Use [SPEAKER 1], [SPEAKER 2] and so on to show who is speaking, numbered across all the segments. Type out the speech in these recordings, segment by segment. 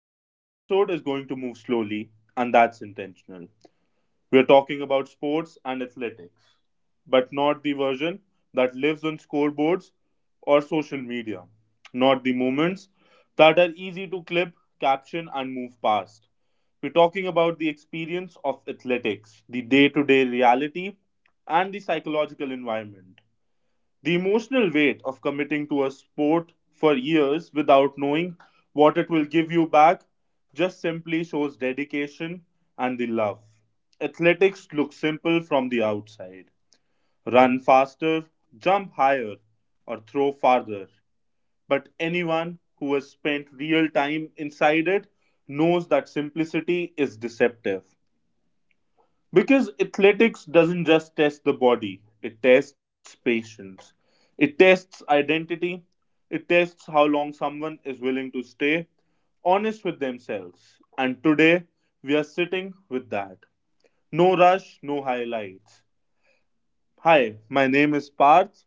[SPEAKER 1] Today's episode is going to move slowly, and that's intentional. We're talking about sports and athletics, but not the version that lives on scoreboards or social media, not the moments that are easy to clip, caption, and move past. We're talking about the experience of athletics, the day to day reality, and the psychological environment. The emotional weight of committing to a sport for years without knowing what it will give you back just simply shows dedication and the love. Athletics look simple from the outside: run faster, jump higher, or throw farther. But anyone who has spent real time inside it knows that simplicity is deceptive. Because athletics doesn't just test the body, it tests patience. It tests identity. It tests how long someone is willing to stay honest with themselves. And today, we are sitting with that. No rush, no highlights. Hi, my name is Parth,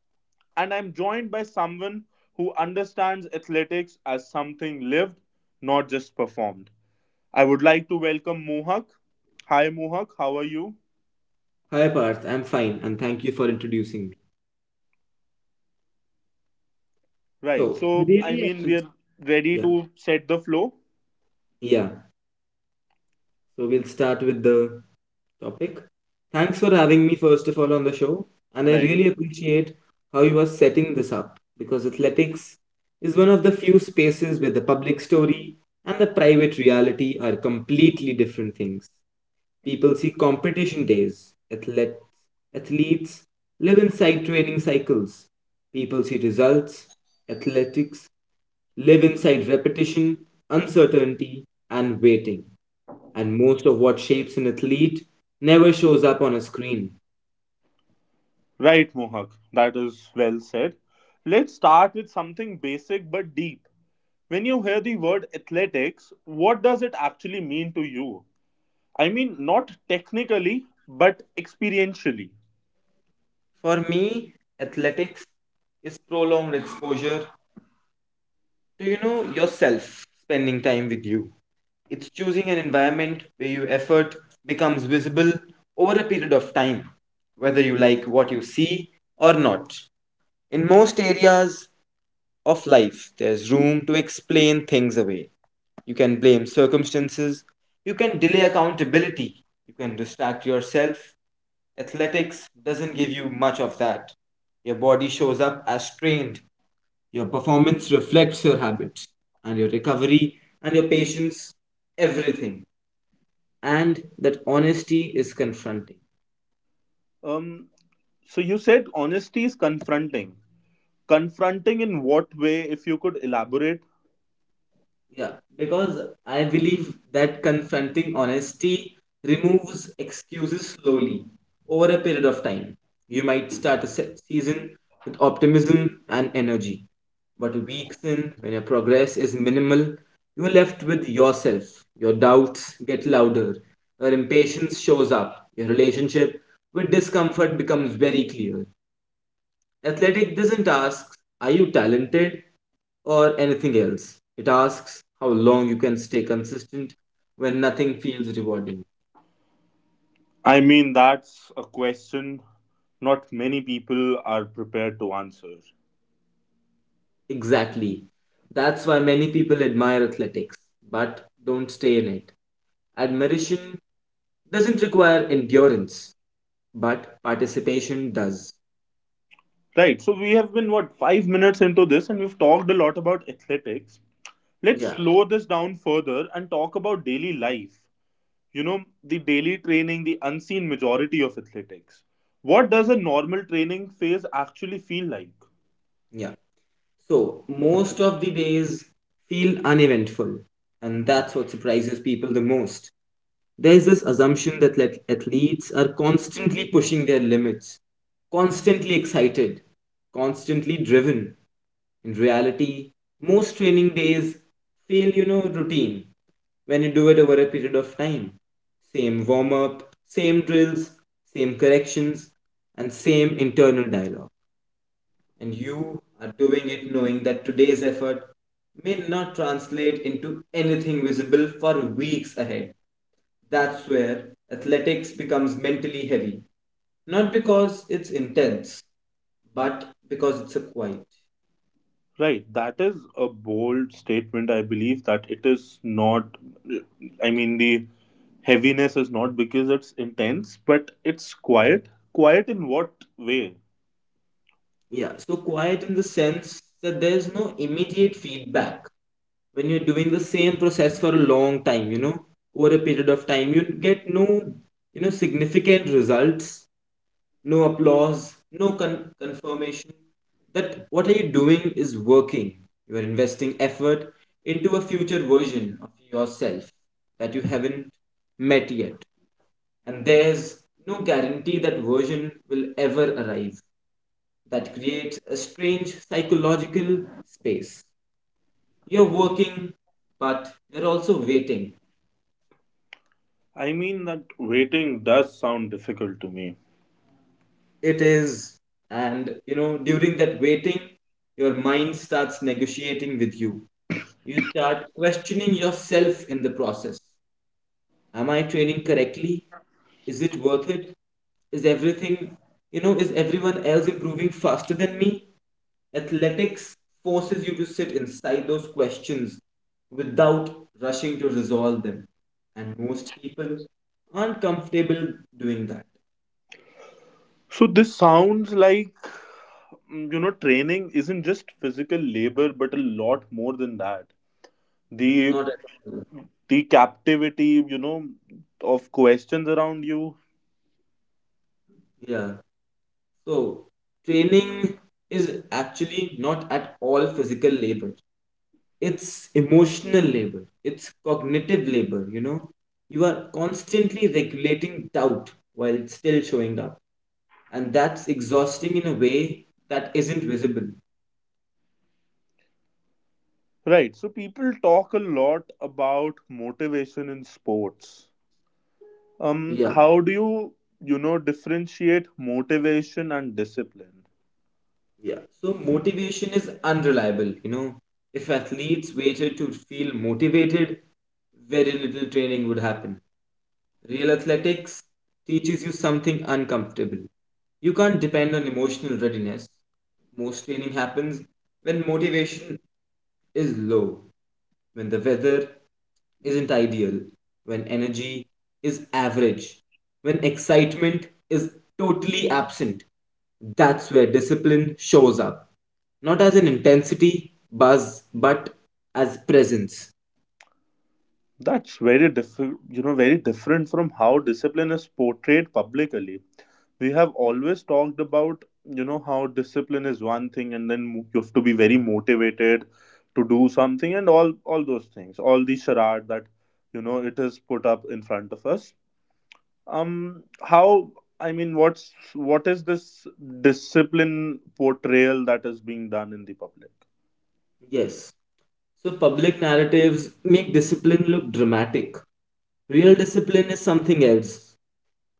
[SPEAKER 1] and I'm joined by someone who understands athletics as something lived, not just performed. I would like to welcome Mohak. Hi, Mohak, how are you?
[SPEAKER 2] Hi Parth, I'm fine and thank you for introducing me.
[SPEAKER 1] Right.
[SPEAKER 2] So, I
[SPEAKER 1] So, I
[SPEAKER 2] really
[SPEAKER 1] mean, we
[SPEAKER 2] appreciate
[SPEAKER 1] are ready
[SPEAKER 2] Yeah,
[SPEAKER 1] to set the flow.
[SPEAKER 2] yeah. So we'll start with the topic. Thanks for having me first of all on the show, and I
[SPEAKER 1] Right.
[SPEAKER 2] really appreciate how you are setting this up because athletics is one of the few spaces where the public story and the private reality are completely different things. People see competition days. Athletes live inside training cycles. People see results. Athletics live inside repetition, uncertainty, and waiting. And most of what shapes an athlete never shows up on a screen.
[SPEAKER 1] Right, Mohak. That is well said. Let's start with something basic but deep. When you hear the word athletics, what does it actually mean to you? I mean, not technically, but experientially.
[SPEAKER 2] For me, athletics is prolonged exposure to yourself, spending time with you. It's choosing an environment where your effort becomes visible over a period of time, whether you like what you see or not. In most areas of life, there's room to explain things away. You can blame circumstances. You can delay accountability. You can distract yourself. Athletics doesn't give you much of that. Your body shows up as strained. Your performance reflects your habits and your recovery and your patience, everything. And that honesty is confronting.
[SPEAKER 1] Um, so, you said honesty is confronting. Confronting in what way, if you could elaborate?
[SPEAKER 2] Yeah, because I believe that confronting honesty removes excuses slowly over a period of time. You might start a season with optimism and energy, but weeks in, when your progress is minimal, you're left with yourself. Your doubts get louder, your impatience shows up, your relationship with discomfort becomes very clear. Athletic doesn't ask, are you talented or anything else? It asks how long you can stay consistent when nothing feels rewarding.
[SPEAKER 1] I mean, that's a question not many people are prepared to answer.
[SPEAKER 2] Exactly. That's why many people admire athletics, but don't stay in it. Admiration doesn't require endurance, but participation does.
[SPEAKER 1] Right. So we have been what 5 minutes into this, and we've talked a lot about athletics. Let's
[SPEAKER 2] Yeah,
[SPEAKER 1] slow this down further and talk about daily life. You know, the daily training, the unseen majority of athletics. What does a normal training phase actually feel like?
[SPEAKER 2] yeah. So most of the days feel uneventful, and that's what surprises people the most. There's this assumption that like athletes are constantly pushing their limits, constantly excited, constantly driven. In reality, most training days feel routine when you do it over a period of time. Same warm up, same drills, same corrections, and same internal dialogue. And you are doing it knowing that today's effort may not translate into anything visible for weeks ahead. That's where athletics becomes mentally heavy. Not because it's intense, but because it's a quiet.
[SPEAKER 1] Right. That is a bold statement. I believe that it is not. I mean, the heaviness is not because it's intense, but it's quiet. Quiet in what way?
[SPEAKER 2] Yeah, so quiet in the sense that there's no immediate feedback. When you're doing the same process for a long time over a period of time, you get no significant results, no applause, no confirmation that what are you doing is working. You are investing effort into a future version of yourself that you haven't met yet. And there's no guarantee that version will ever arrive. That creates a strange psychological space. You're working, but you're also waiting.
[SPEAKER 1] I mean that waiting does sound difficult to me.
[SPEAKER 2] It is, and during that waiting, your mind starts negotiating with you. You start questioning yourself in the process. Am I training correctly? Is it worth it? Is everything, you know, is everyone else improving faster than me? Athletics forces you to sit inside those questions without rushing to resolve them. And most people aren't comfortable doing that.
[SPEAKER 1] So this sounds like training isn't just physical labor but a lot more than that. The
[SPEAKER 2] Not at all.
[SPEAKER 1] the captivity, of questions around you.
[SPEAKER 2] Yeah. So, training is actually not at all physical labor. It's emotional labor, it's cognitive labor, you know You are constantly regulating doubt while still showing up, and that's exhausting in a way that isn't visible.
[SPEAKER 1] Right. So people talk a lot about motivation in sports.
[SPEAKER 2] Yeah.
[SPEAKER 1] How do you you know differentiate motivation and discipline?
[SPEAKER 2] Yeah, so motivation is unreliable, you know If athletes waited to feel motivated, very little training would happen. Real athletics teaches you something uncomfortable. You can't depend on emotional readiness. Most training happens when motivation is low, when the weather isn't ideal, when energy is average, when excitement is totally absent. That's where discipline shows up. Not as an intensity buzz, but as presence.
[SPEAKER 1] That's very different, you know, very different from how discipline is portrayed publicly. We have always talked about how discipline is one thing, and then you have to be very motivated to do something and all those things, all the charade that it is put up in front of us. How, I mean, what is this discipline portrayal that is being done in the public?
[SPEAKER 2] Yes. So public narratives make discipline look dramatic. Real discipline is something else.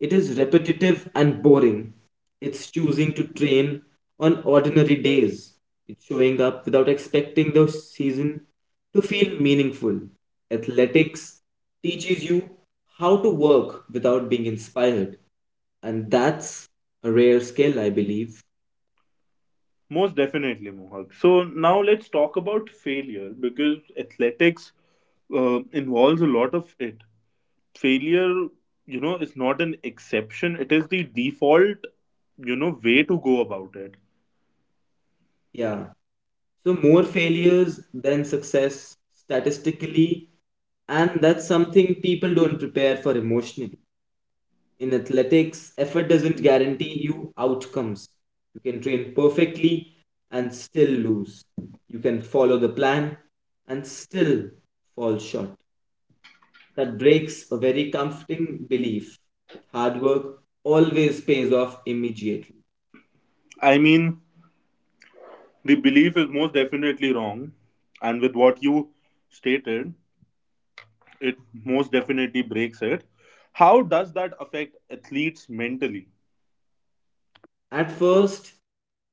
[SPEAKER 2] It is repetitive and boring. It's choosing to train on ordinary days. It's showing up without expecting the season to feel meaningful. Athletics teaches you how to work without being inspired, and that's a rare skill, I believe.
[SPEAKER 1] Most definitely, Mohak. So now let's talk about failure, because athletics involves a lot of it. Failure, is not an exception, it is the default, way to go about it.
[SPEAKER 2] Yeah. So, more failures than success statistically, and that's something people don't prepare for emotionally. In athletics, effort doesn't guarantee you outcomes. You can train perfectly and still lose. You can follow the plan and still fall short. That breaks a very comforting belief that hard work always pays off immediately.
[SPEAKER 1] I mean, the belief is most definitely wrong, and with what you stated, it most definitely breaks it. How does that affect athletes mentally?
[SPEAKER 2] At first,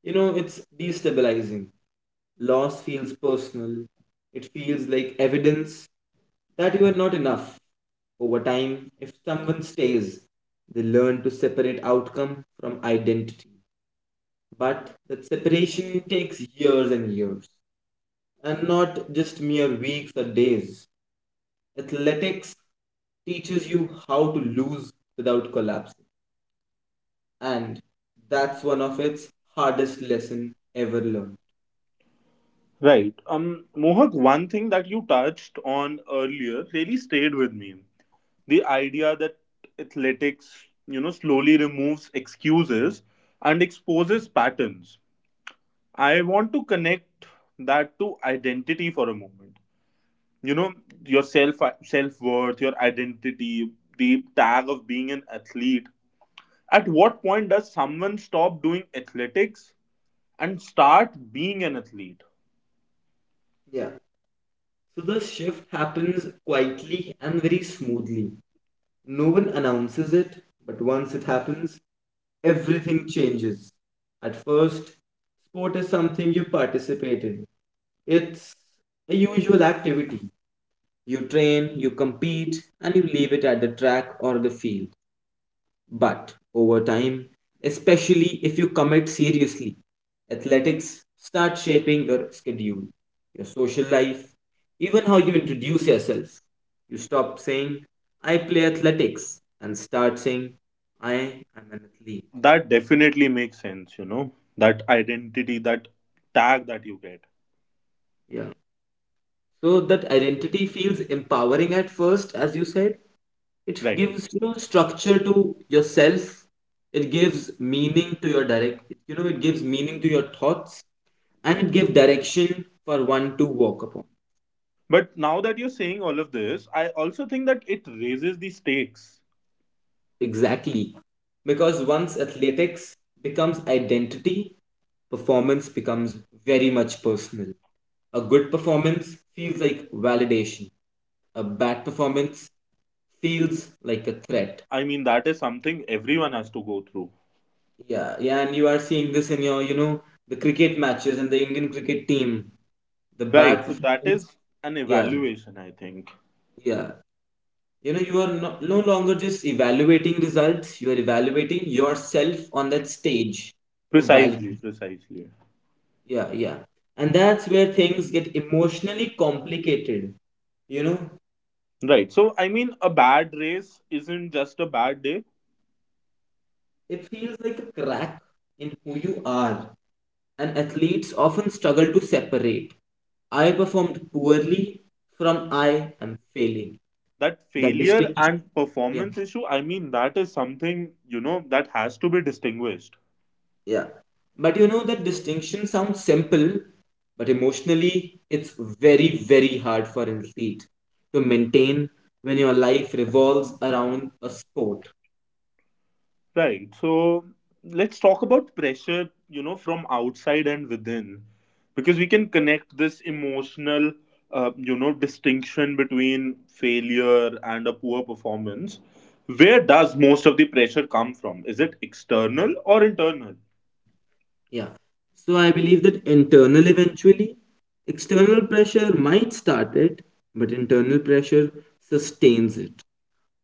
[SPEAKER 2] you know, it's destabilizing. Loss feels personal, it feels like evidence that you are not enough. Over time, if someone stays, they learn to separate outcome from identity. But that separation takes years and years, and not just mere weeks or days. Athletics teaches you how to lose without collapsing, and that's one of its hardest lesson ever learned.
[SPEAKER 1] Right. Mohak, one thing that you touched on earlier really stayed with me. The idea that athletics, slowly removes excuses and exposes patterns. I want to connect that to identity for a moment. You know, your self worth, your identity, the tag of being an athlete. At what point does someone stop doing athletics and start being an athlete?
[SPEAKER 2] Yeah, so the shift happens quietly and very smoothly. No one announces it, but once it happens, everything changes. At first, sport is something you participate in. It's a usual activity. You train, you compete, and you leave it at the track or the field. But over time, especially if you commit seriously, athletics start shaping your schedule, your social life, even how you introduce yourself. You stop saying, I play athletics, and start saying, I am an athlete.
[SPEAKER 1] That definitely makes sense. That identity, that tag that you get.
[SPEAKER 2] Yeah. So that identity feels empowering at first, as you said. It
[SPEAKER 1] Right.
[SPEAKER 2] gives structure to yourself. It gives meaning to your direct, you know, it gives meaning to your thoughts, and it gives direction for one to walk upon.
[SPEAKER 1] But now that you're saying all of this, I also think that it raises the stakes.
[SPEAKER 2] Exactly. Because once athletics becomes identity, performance becomes very much personal. A good performance feels like validation. A bad performance feels like a threat.
[SPEAKER 1] I mean, that is something everyone has to go through.
[SPEAKER 2] Yeah, yeah, and you are seeing this in the cricket matches and the Indian cricket team, the
[SPEAKER 1] Right.
[SPEAKER 2] bad
[SPEAKER 1] So that
[SPEAKER 2] performance.
[SPEAKER 1] is an
[SPEAKER 2] Yeah,
[SPEAKER 1] evaluation, I think.
[SPEAKER 2] yeah. You are no longer just evaluating results, you are evaluating yourself on that stage of
[SPEAKER 1] Precisely,
[SPEAKER 2] validation.
[SPEAKER 1] precisely.
[SPEAKER 2] Yeah, yeah. And that's where things get emotionally complicated. You know,
[SPEAKER 1] Right. So, I mean, a bad race isn't just a bad day.
[SPEAKER 2] it feels like a crack in who you are, and athletes often struggle to separate I performed poorly from I am failing.
[SPEAKER 1] That
[SPEAKER 2] The
[SPEAKER 1] failure
[SPEAKER 2] distinction,
[SPEAKER 1] and
[SPEAKER 2] yeah,
[SPEAKER 1] performance issue, I mean, that is something, that has to be distinguished.
[SPEAKER 2] yeah. But that distinction sounds simple, but emotionally, it's very, very hard for an athlete to maintain when your life revolves around a sport.
[SPEAKER 1] Right. So let's talk about pressure, from outside and within, because we can connect this emotional, distinction between failure and a poor performance. Where does most of the pressure come from? Is it external or internal?
[SPEAKER 2] Yeah. So I believe that internal eventually, external pressure might start it, but internal pressure sustains it.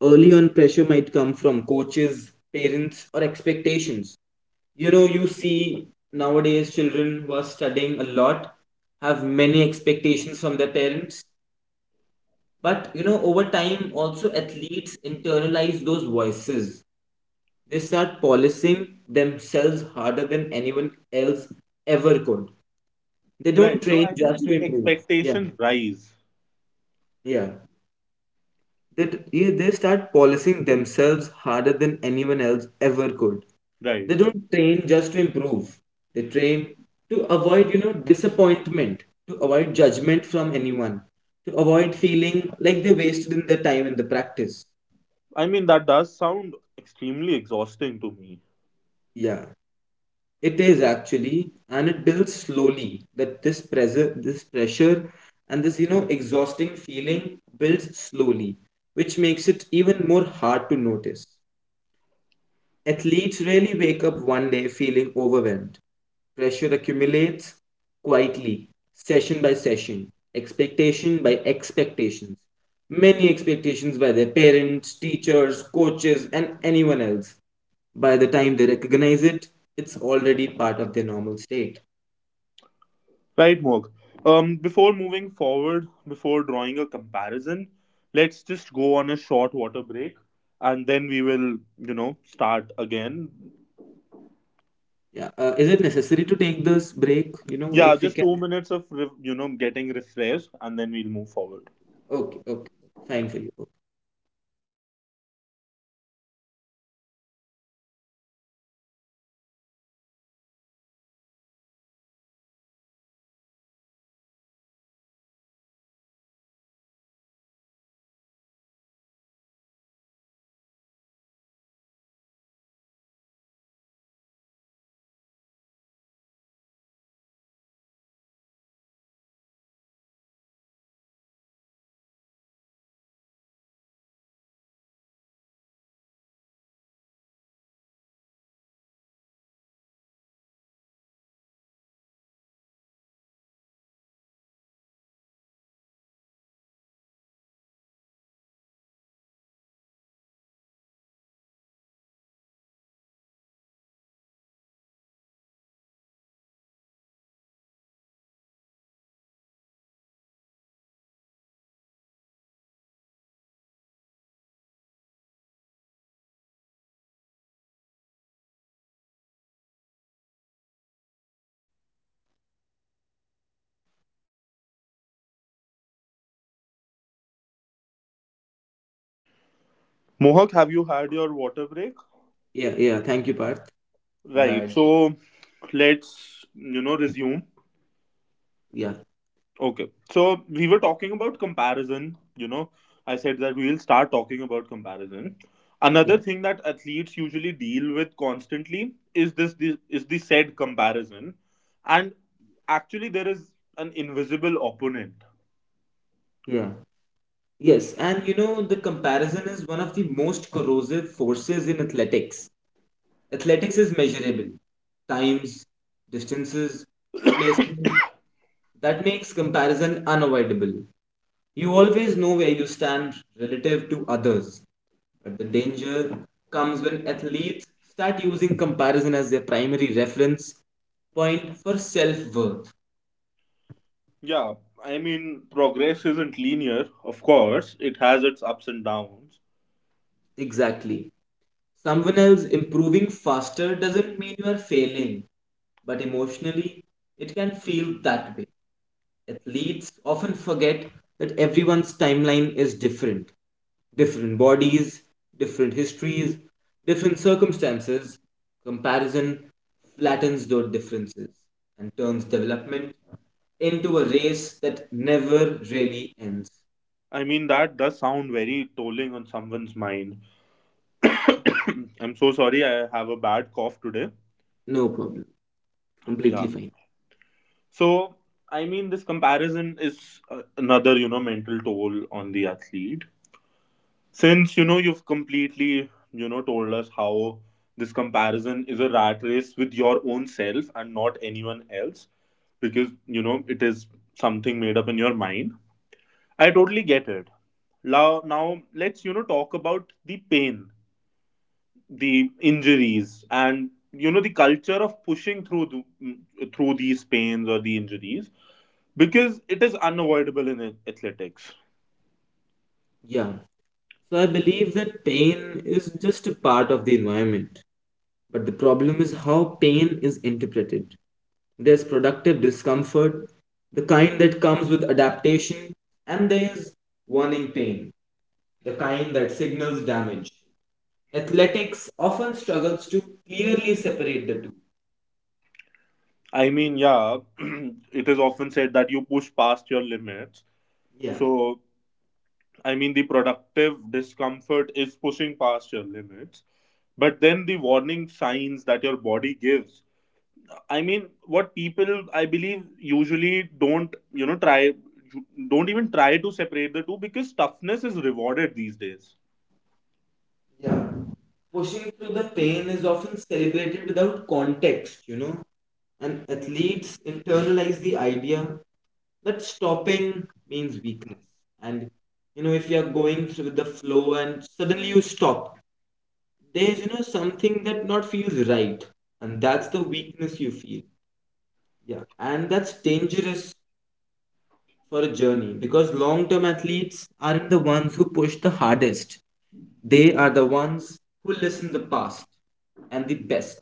[SPEAKER 2] Early on, pressure might come from coaches, parents, or expectations. You see nowadays children who are studying a lot have many expectations from their parents. But, over time, also athletes internalize those voices. They start policing themselves harder than anyone else ever could. They don't
[SPEAKER 1] Right. So
[SPEAKER 2] train
[SPEAKER 1] I mean,
[SPEAKER 2] just to
[SPEAKER 1] the
[SPEAKER 2] improve. Yeah,
[SPEAKER 1] expectations rise.
[SPEAKER 2] yeah. They start policing themselves harder than anyone else ever could.
[SPEAKER 1] Right.
[SPEAKER 2] They
[SPEAKER 1] Right.
[SPEAKER 2] don't train just to improve. They train to avoid disappointment, to avoid judgment from anyone, to avoid feeling like they wasted in their time in the practice.
[SPEAKER 1] I mean, that does sound extremely exhausting to me.
[SPEAKER 2] Yeah. It is actually, and it builds slowly. That this pressure, and this exhausting feeling builds slowly, which makes it even more hard to notice. Athletes rarely wake up one day feeling overwhelmed. Pressure accumulates quietly, session by session, expectation by expectations. Many expectations by their parents, teachers, coaches, and anyone else. By the time they recognize it, it's already part of their normal state.
[SPEAKER 1] Right, Mok. Before moving forward, before drawing a comparison, let's just go on a short water break, and then we will, start again.
[SPEAKER 2] Yeah. Is it necessary to take this break? You know,
[SPEAKER 1] Yeah,
[SPEAKER 2] if we
[SPEAKER 1] just
[SPEAKER 2] can.
[SPEAKER 1] 2 minutes of getting refreshed, and then we'll move forward.
[SPEAKER 2] Okay. Okay. Fine for you. Okay.
[SPEAKER 1] Mohak, have you had your water break?
[SPEAKER 2] Yeah. Yeah. Thank you, Parth. I've
[SPEAKER 1] Right,
[SPEAKER 2] had.
[SPEAKER 1] so let's resume.
[SPEAKER 2] Yeah.
[SPEAKER 1] Okay. So we were talking about comparison. I said that we will start talking about comparison. Another
[SPEAKER 2] Yeah.
[SPEAKER 1] thing that athletes usually deal with constantly is this. This is the said comparison. And actually there is an invisible opponent.
[SPEAKER 2] Yeah. Yes, and the comparison is one of the most corrosive forces in athletics. Athletics is measurable: times, distances, placements. That makes comparison unavoidable. You always know where you stand relative to others. But the danger comes when athletes start using comparison as their primary reference point for self worth.
[SPEAKER 1] Yeah, I mean progress isn't linear, of course. It has its ups and downs.
[SPEAKER 2] Exactly. Someone else improving faster doesn't mean you are failing, but emotionally, it can feel that way. Athletes often forget that everyone's timeline is different. Different bodies, different histories, different circumstances. Comparison flattens those differences and turns development into a race that never really ends.
[SPEAKER 1] I mean that does sound very tolling on someone's mind. I'm so sorry I have a bad cough today.
[SPEAKER 2] No problem. Completely
[SPEAKER 1] Yeah.
[SPEAKER 2] fine.
[SPEAKER 1] So, I mean, this comparison is another, mental toll on the athlete. Since, you've completely, told us how this comparison is a rat race with your own self and not anyone else, because, it is something made up in your mind. I totally get it. Now let's, talk about the pain, the injuries, and, the culture of pushing through, through these pains or the injuries, because it is unavoidable in athletics.
[SPEAKER 2] Yeah. So I believe that pain is just a part of the environment. But the problem is how pain is interpreted. There's productive discomfort, the kind that comes with adaptation, and there's warning pain, the kind that signals damage. Athletics often struggles to clearly separate the two.
[SPEAKER 1] I mean, yeah, it is often said that you push past your limits.
[SPEAKER 2] Yeah.
[SPEAKER 1] So, I mean, the productive discomfort is pushing past your limits. But then the warning signs that your body gives. I mean, what people, I believe, usually don't, try, don't even try to separate the two, because toughness is rewarded these days.
[SPEAKER 2] Yeah. Pushing through the pain is often celebrated without context and athletes internalize the idea that stopping means weakness. And, if you're going through the flow and suddenly you stop, there's something that not feels right. And that's the weakness you feel. Yeah. And that's dangerous for a journey because long term athletes aren't the ones who push the hardest. They are the ones who listen the past and the best.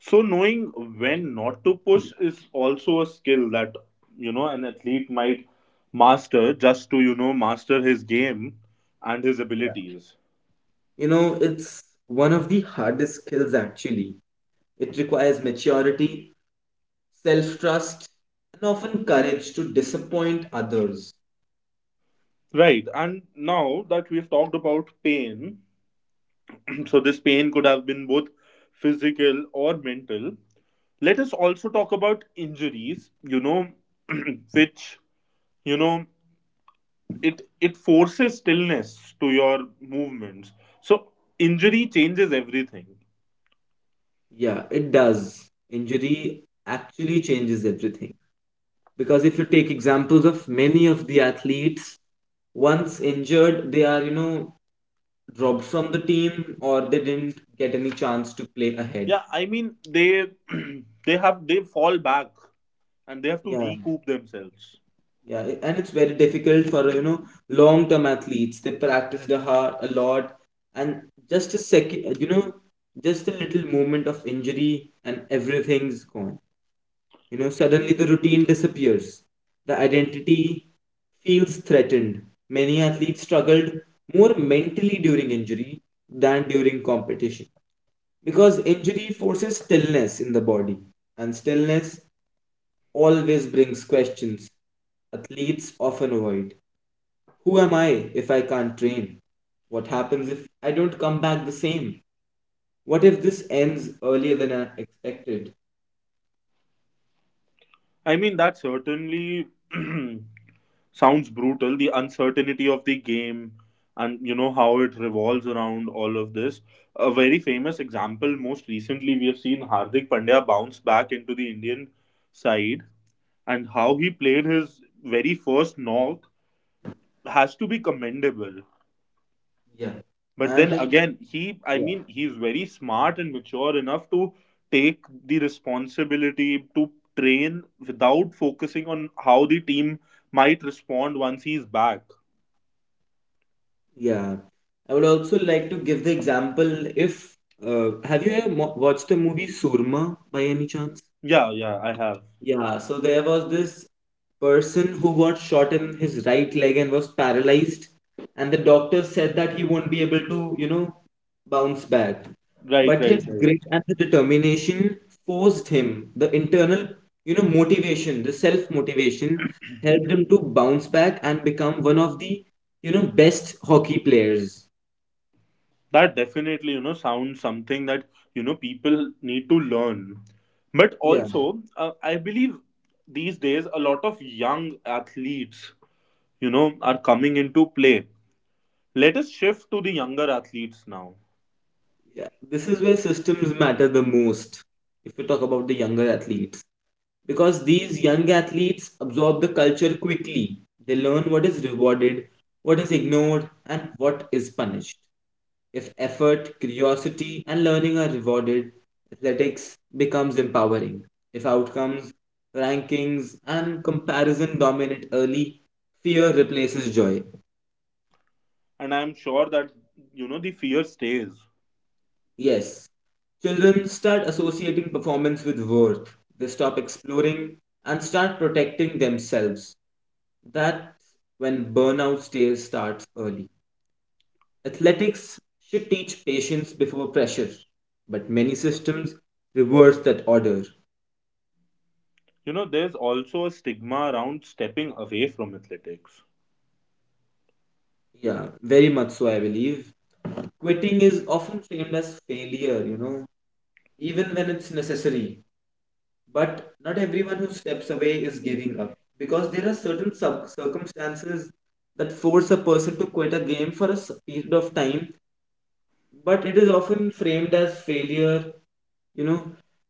[SPEAKER 1] So knowing when not to push is also a skill that an athlete might master, just to master his game and his abilities.
[SPEAKER 2] It's one of the hardest skills actually. It requires maturity, self trust, and often courage to disappoint others.
[SPEAKER 1] Right, and now that we've talked about pain, so this pain could have been both physical or mental. Let us also talk about injuries, which, you know, it forces stillness to your movements. So injury changes everything.
[SPEAKER 2] Yeah, it does. Injury actually changes everything. Because if you take examples of many of the athletes, once injured, they are, dropped from the team or they didn't get any chance to play ahead.
[SPEAKER 1] Yeah, I mean they they fall back, and they have to
[SPEAKER 2] Yeah,
[SPEAKER 1] recoup themselves.
[SPEAKER 2] yeah, and it's very difficult for long-term athletes. They practice the hard a lot, and just a second, just a little moment of injury and everything's gone. You know, suddenly the routine disappears. The identity feels threatened. Many athletes struggled more mentally during injury than during competition. Because injury forces stillness in the body, and stillness always brings questions athletes often avoid. Who am I if I can't train? What happens if I don't come back the same? What if this ends earlier than I expected?
[SPEAKER 1] I mean that certainly sounds brutal, the uncertainty of the game and you know how it revolves around all of this. A very famous example: most recently we have seen Hardik Pandya bounce back into the Indian side, and how he played his very first knock has to be commendable.
[SPEAKER 2] Yeah.
[SPEAKER 1] But then
[SPEAKER 2] And
[SPEAKER 1] again, I
[SPEAKER 2] yeah,
[SPEAKER 1] mean, he's very smart and mature enough to take the responsibility to train without focusing on how the team might respond once he's back.
[SPEAKER 2] yeah. I would also like to give the example if have you ever watched the movie Surma by any chance?
[SPEAKER 1] Yeah, yeah, I have.
[SPEAKER 2] Yeah, so there was this person who got shot in his right leg and was paralyzed, and the doctor said that he won't be able to, bounce back.
[SPEAKER 1] Right,
[SPEAKER 2] But his
[SPEAKER 1] right, right.
[SPEAKER 2] grit and the determination forced him, the internal, motivation, the self-motivation helped him to bounce back and become one of the, best hockey players.
[SPEAKER 1] That definitely, sounds something that, people need to learn. But
[SPEAKER 2] Yeah.
[SPEAKER 1] also, I believe these days a lot of young athletes, are coming into play. Let us shift to the younger athletes now.
[SPEAKER 2] Yeah, this is where systems matter the most. If we talk about the younger athletes, because these young athletes absorb the culture quickly, they learn what is rewarded, what is ignored, and what is punished. If effort, curiosity, and learning are rewarded, athletics becomes empowering. If outcomes, rankings, and comparison dominate early, fear replaces joy.
[SPEAKER 1] And I'm sure that the fear stays.
[SPEAKER 2] Yes, children start associating performance with worth. They stop exploring and start protecting themselves. That's when burnout stage starts early. Athletics should teach patience before pressure, but many systems reverse that order.
[SPEAKER 1] There's also a stigma around stepping away from athletics.
[SPEAKER 2] Yeah, very much so, I believe. Quitting is often framed as failure, even when it's necessary. But not everyone who steps away is giving up because there are certain circumstances that force a person to quit a game for a period of time, but it is often framed as failure, you know,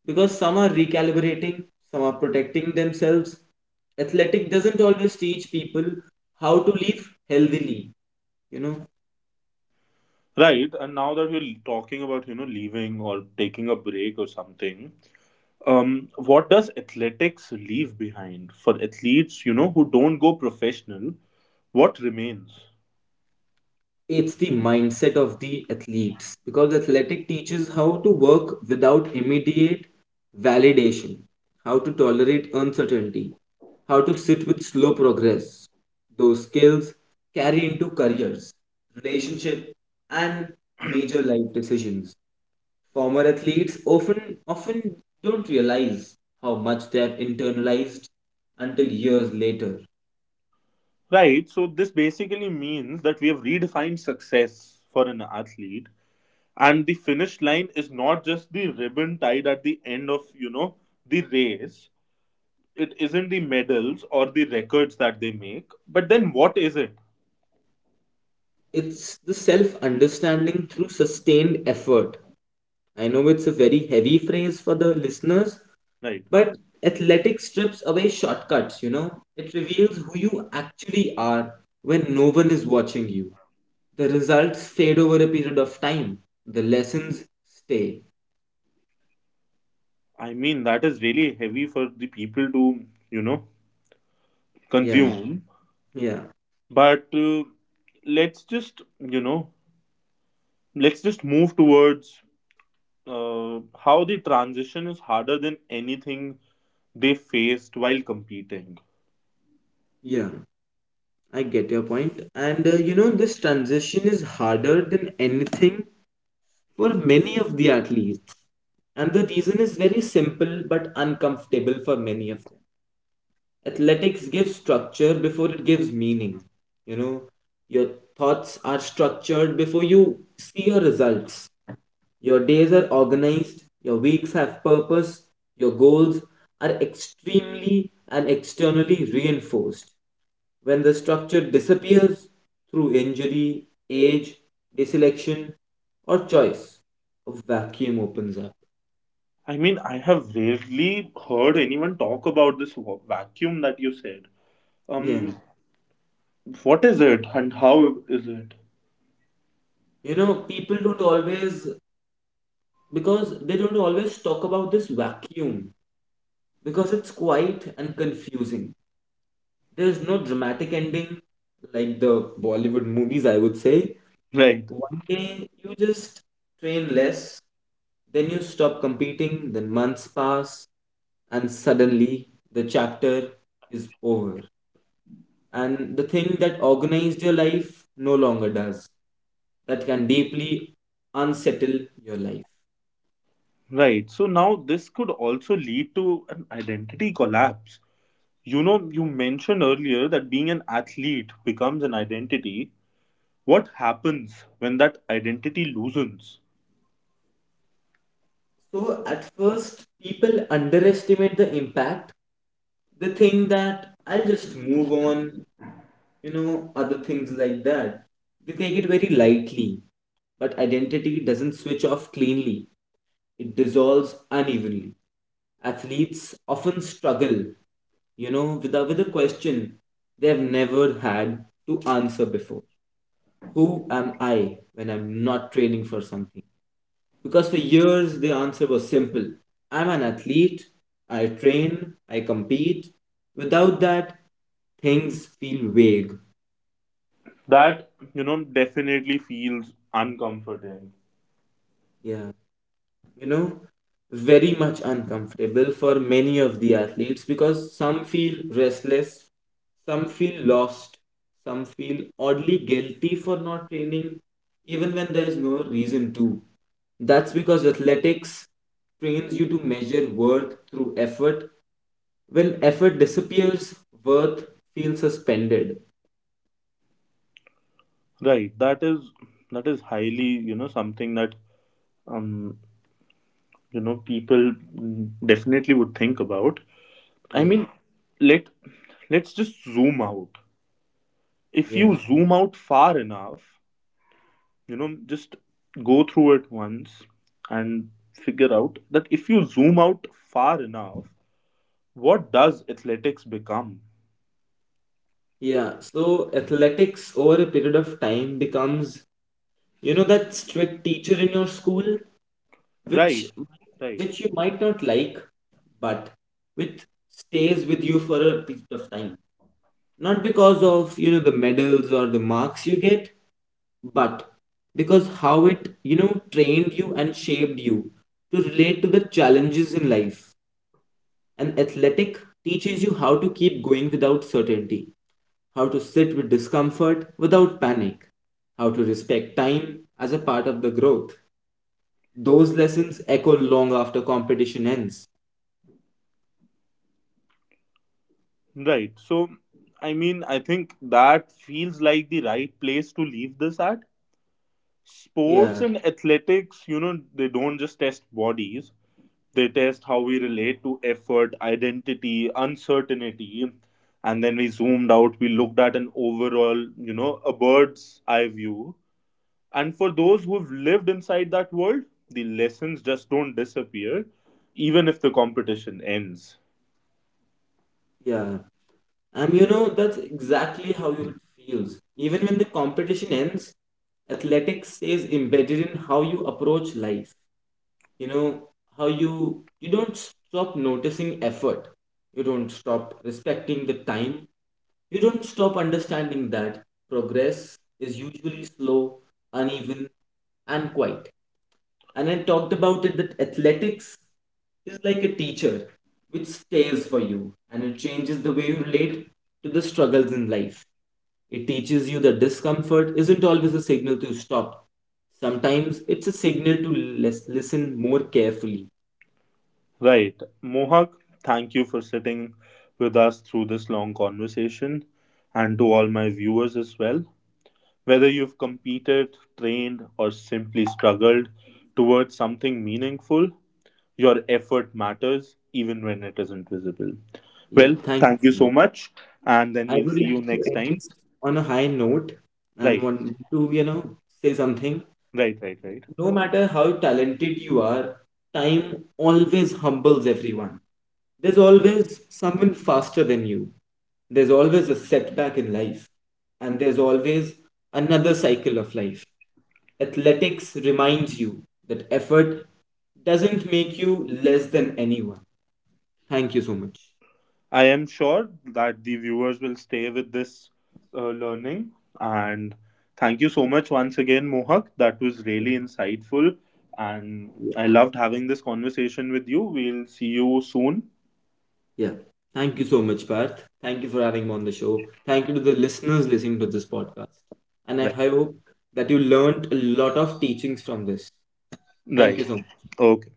[SPEAKER 2] because some are recalibrating, some are protecting themselves. Athletic doesn't always teach people how to live healthily, you know,
[SPEAKER 1] Right. And now that we're talking about leaving or taking a break or something, what does athletics leave behind for athletes who don't go professional? What remains?
[SPEAKER 2] it's the mindset of the athletes because athletic teaches how to work without immediate validation, how to tolerate uncertainty, how to sit with slow progress. Those skills carry into careers, relationship, and major life decisions. Former athletes often don't realize how much they have internalized until years later.
[SPEAKER 1] Right. So this basically means that we have redefined success for an athlete, and the finish line is not just the ribbon tied at the end of the race. It isn't the medals or the records that they make, but then what is it?
[SPEAKER 2] It's the self understanding through sustained effort. I know it's a very heavy phrase for the listeners,
[SPEAKER 1] Right.
[SPEAKER 2] but athletics strips away shortcuts, you know? It reveals who you actually are when no one is watching you. The results fade over a period of time, the lessons stay.
[SPEAKER 1] I mean, that is really heavy for the people to, you know,
[SPEAKER 2] Yeah,
[SPEAKER 1] consume.
[SPEAKER 2] yeah,
[SPEAKER 1] But let's just, you know, let's just move towards how the transition is harder than anything they faced while competing.
[SPEAKER 2] yeah. I get your point. And you know, this transition is harder than anything for many of the athletes. And the reason is very simple but uncomfortable for many of them. Athletics gives structure before it gives meaning. You know, your thoughts are structured before you see your results. Your days are organized, your weeks have purpose, your goals are extremely and externally reinforced. When the structure disappears through injury, age, deselection, or choice, a vacuum opens up.
[SPEAKER 1] I mean, I have rarely heard anyone talk about this vacuum that you said.
[SPEAKER 2] Yeah.
[SPEAKER 1] Um, what is it and how is it?
[SPEAKER 2] You know, people don't always, because they don't always talk about this vacuum because it's quiet and confusing. There's no dramatic ending like the Bollywood movies, I would say.
[SPEAKER 1] Right.
[SPEAKER 2] One day you just train less, then you stop competing, then months pass, and suddenly the chapter is over. And the thing that organized your life no longer does, that can deeply unsettle your life.
[SPEAKER 1] Right. So now this could also lead to an identity collapse. You mentioned earlier that being an athlete becomes an identity. What happens when that identity loosens?
[SPEAKER 2] So at first, people underestimate the impact. They think that I'll just move on, other things like that. They take it very lightly. But identity doesn't switch off cleanly, it dissolves unevenly. Athletes often struggle, with a question they've never had to answer before. Who am I when I'm not training for something? Because for years the answer was simple. I'm an athlete, I train, I compete. Without that, things feel vague.
[SPEAKER 1] That, definitely feels uncomforting.
[SPEAKER 2] Yeah, you know, very much uncomfortable for many of the athletes because some feel restless, some feel lost, some feel oddly guilty for not training, even when there is no reason to. That's because athletics trains you to measure worth through effort. When effort disappears, worth feels suspended.
[SPEAKER 1] Right. That is highly, something that um, people definitely would think about. I
[SPEAKER 2] Yeah,
[SPEAKER 1] mean, let let's just zoom out. If you
[SPEAKER 2] yeah,
[SPEAKER 1] zoom out far enough, just go through it once and figure out that if you zoom out far enough, what does athletics become?
[SPEAKER 2] yeah. So athletics over a period of time becomes, that strict teacher in your school, which
[SPEAKER 1] Right. Right.
[SPEAKER 2] which you might not like, but which stays with you for a period of time. Not because of, the medals or the marks you get, but because how it, trained you and shaped you to relate to the challenges in life. An athletic teaches you how to keep going without certainty, how to sit with discomfort without panic, how to respect time as a part of the growth. Those lessons echo long after competition ends.
[SPEAKER 1] Right. So I mean I think that feels like the right place to leave this at. Sports
[SPEAKER 2] Yeah,
[SPEAKER 1] and athletics, they don't just test bodies, they test how we relate to effort, identity, uncertainty. And then we zoomed out, we looked at an overall, a bird's eye view. And for those who've lived inside that world, the lessons just don't disappear, even if the competition ends.
[SPEAKER 2] yeah. And you know, that's exactly how it feels. Even when the competition ends, athletics stays embedded in how you approach life. You know, how you don't stop noticing effort, you don't stop respecting the time, you don't stop understanding that progress is usually slow, uneven, and quiet. And I talked about it that athletics is like a teacher which stays for you and it changes the way you relate to the struggles in life. It teaches you that discomfort isn't always a signal to stop. Sometimes it's a signal to listen more carefully.
[SPEAKER 1] Right. Mohak, thank you for sitting with us through this long conversation, and to all my viewers as well. Whether you've competed, trained, or simply struggled towards something meaningful, your effort matters even when it isn't visible.
[SPEAKER 2] Yeah,
[SPEAKER 1] Well,
[SPEAKER 2] thank you
[SPEAKER 1] thank
[SPEAKER 2] so
[SPEAKER 1] you so
[SPEAKER 2] much.
[SPEAKER 1] much, and then
[SPEAKER 2] I
[SPEAKER 1] we'll
[SPEAKER 2] would
[SPEAKER 1] see you
[SPEAKER 2] like to
[SPEAKER 1] next
[SPEAKER 2] end
[SPEAKER 1] time.
[SPEAKER 2] this on a high note and
[SPEAKER 1] Right,
[SPEAKER 2] want to, say something.
[SPEAKER 1] right, right, right.
[SPEAKER 2] No matter how talented you are, time always humbles everyone. There's always someone faster than you. There's always a setback in life. And there's always another cycle of life. Athletics reminds you that effort doesn't make you less than anyone. Thank you so much.
[SPEAKER 1] I am sure that the viewers will stay with this learning. And thank you so much once again, Mohak. That was really insightful. And I loved having this conversation with you. We'll see you soon.
[SPEAKER 2] Yeah. Thank you so much, Parth. Thank you for having me on the show. Thank you to the listeners listening to this podcast. And I
[SPEAKER 1] Right.
[SPEAKER 2] hope that you learned a lot of teachings from this. Thank you
[SPEAKER 1] Right.
[SPEAKER 2] so much.
[SPEAKER 1] Okay.